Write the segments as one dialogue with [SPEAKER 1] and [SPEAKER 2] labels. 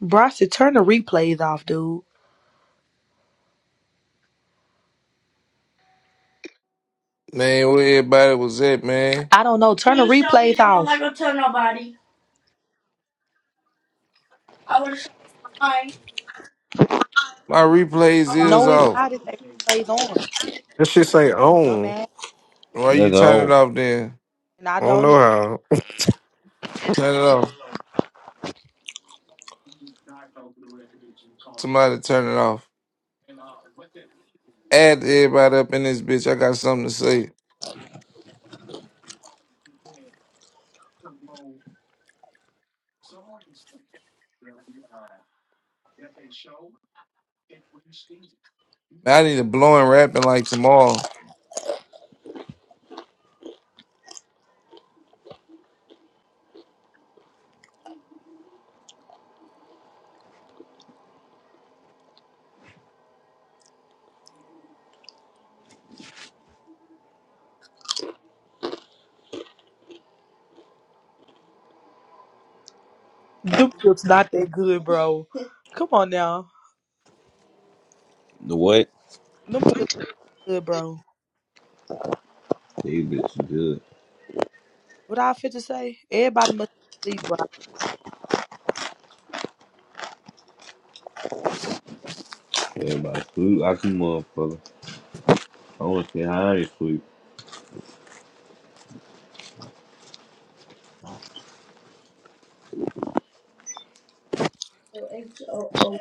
[SPEAKER 1] Bronson, turn the replays off, dude.
[SPEAKER 2] Man, where everybody was at, man.
[SPEAKER 1] I don't know. Turn the Please tell me replays me. I'm off. not gonna tell nobody. I would have shot mine
[SPEAKER 2] My replays
[SPEAKER 1] on my No,
[SPEAKER 2] is
[SPEAKER 1] phone. it's
[SPEAKER 2] off.
[SPEAKER 1] not. It's that replays on,
[SPEAKER 3] This shit say own.
[SPEAKER 1] dumbass.
[SPEAKER 2] Why you
[SPEAKER 4] That's
[SPEAKER 2] turn it
[SPEAKER 4] all.
[SPEAKER 2] off then?
[SPEAKER 1] And I
[SPEAKER 3] I don't
[SPEAKER 1] don't.
[SPEAKER 3] know
[SPEAKER 1] Need-
[SPEAKER 3] how.
[SPEAKER 2] Turn it off. Somebody turn it off. Add everybody up in this bitch. I got something to say. Man, I need a blowing rapping like tomorrow.
[SPEAKER 1] Them chips not that good, bro. Come on now.
[SPEAKER 4] The what?
[SPEAKER 1] Them chips good, bro.
[SPEAKER 4] These bitches good.
[SPEAKER 1] What I fit to say? Everybody must sleep, bro.
[SPEAKER 4] Everybody sleep like a motherfucker. I want to see how they sleep.
[SPEAKER 1] H-O-O.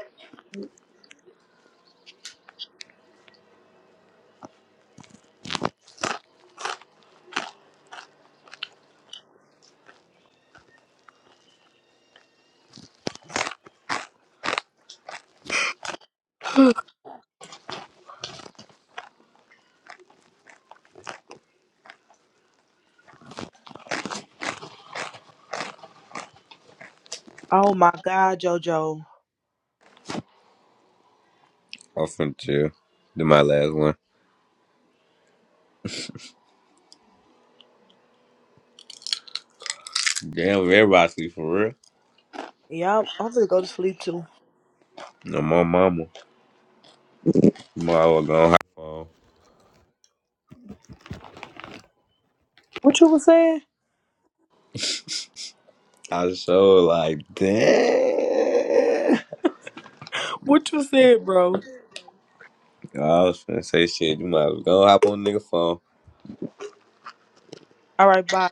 [SPEAKER 1] Oh my God, JoJo.
[SPEAKER 4] I'm finna chill. Do my last one. Damn, everybody sleep for real.
[SPEAKER 1] Yup, I'm gonna go to sleep too.
[SPEAKER 4] No, more mama. Tomorrow we gonna hop on.
[SPEAKER 1] What you was saying?
[SPEAKER 4] I was so like, damn.
[SPEAKER 1] What you said, bro?
[SPEAKER 4] I was finna say shit. You might as well go hop on nigga phone.
[SPEAKER 1] All right, bye.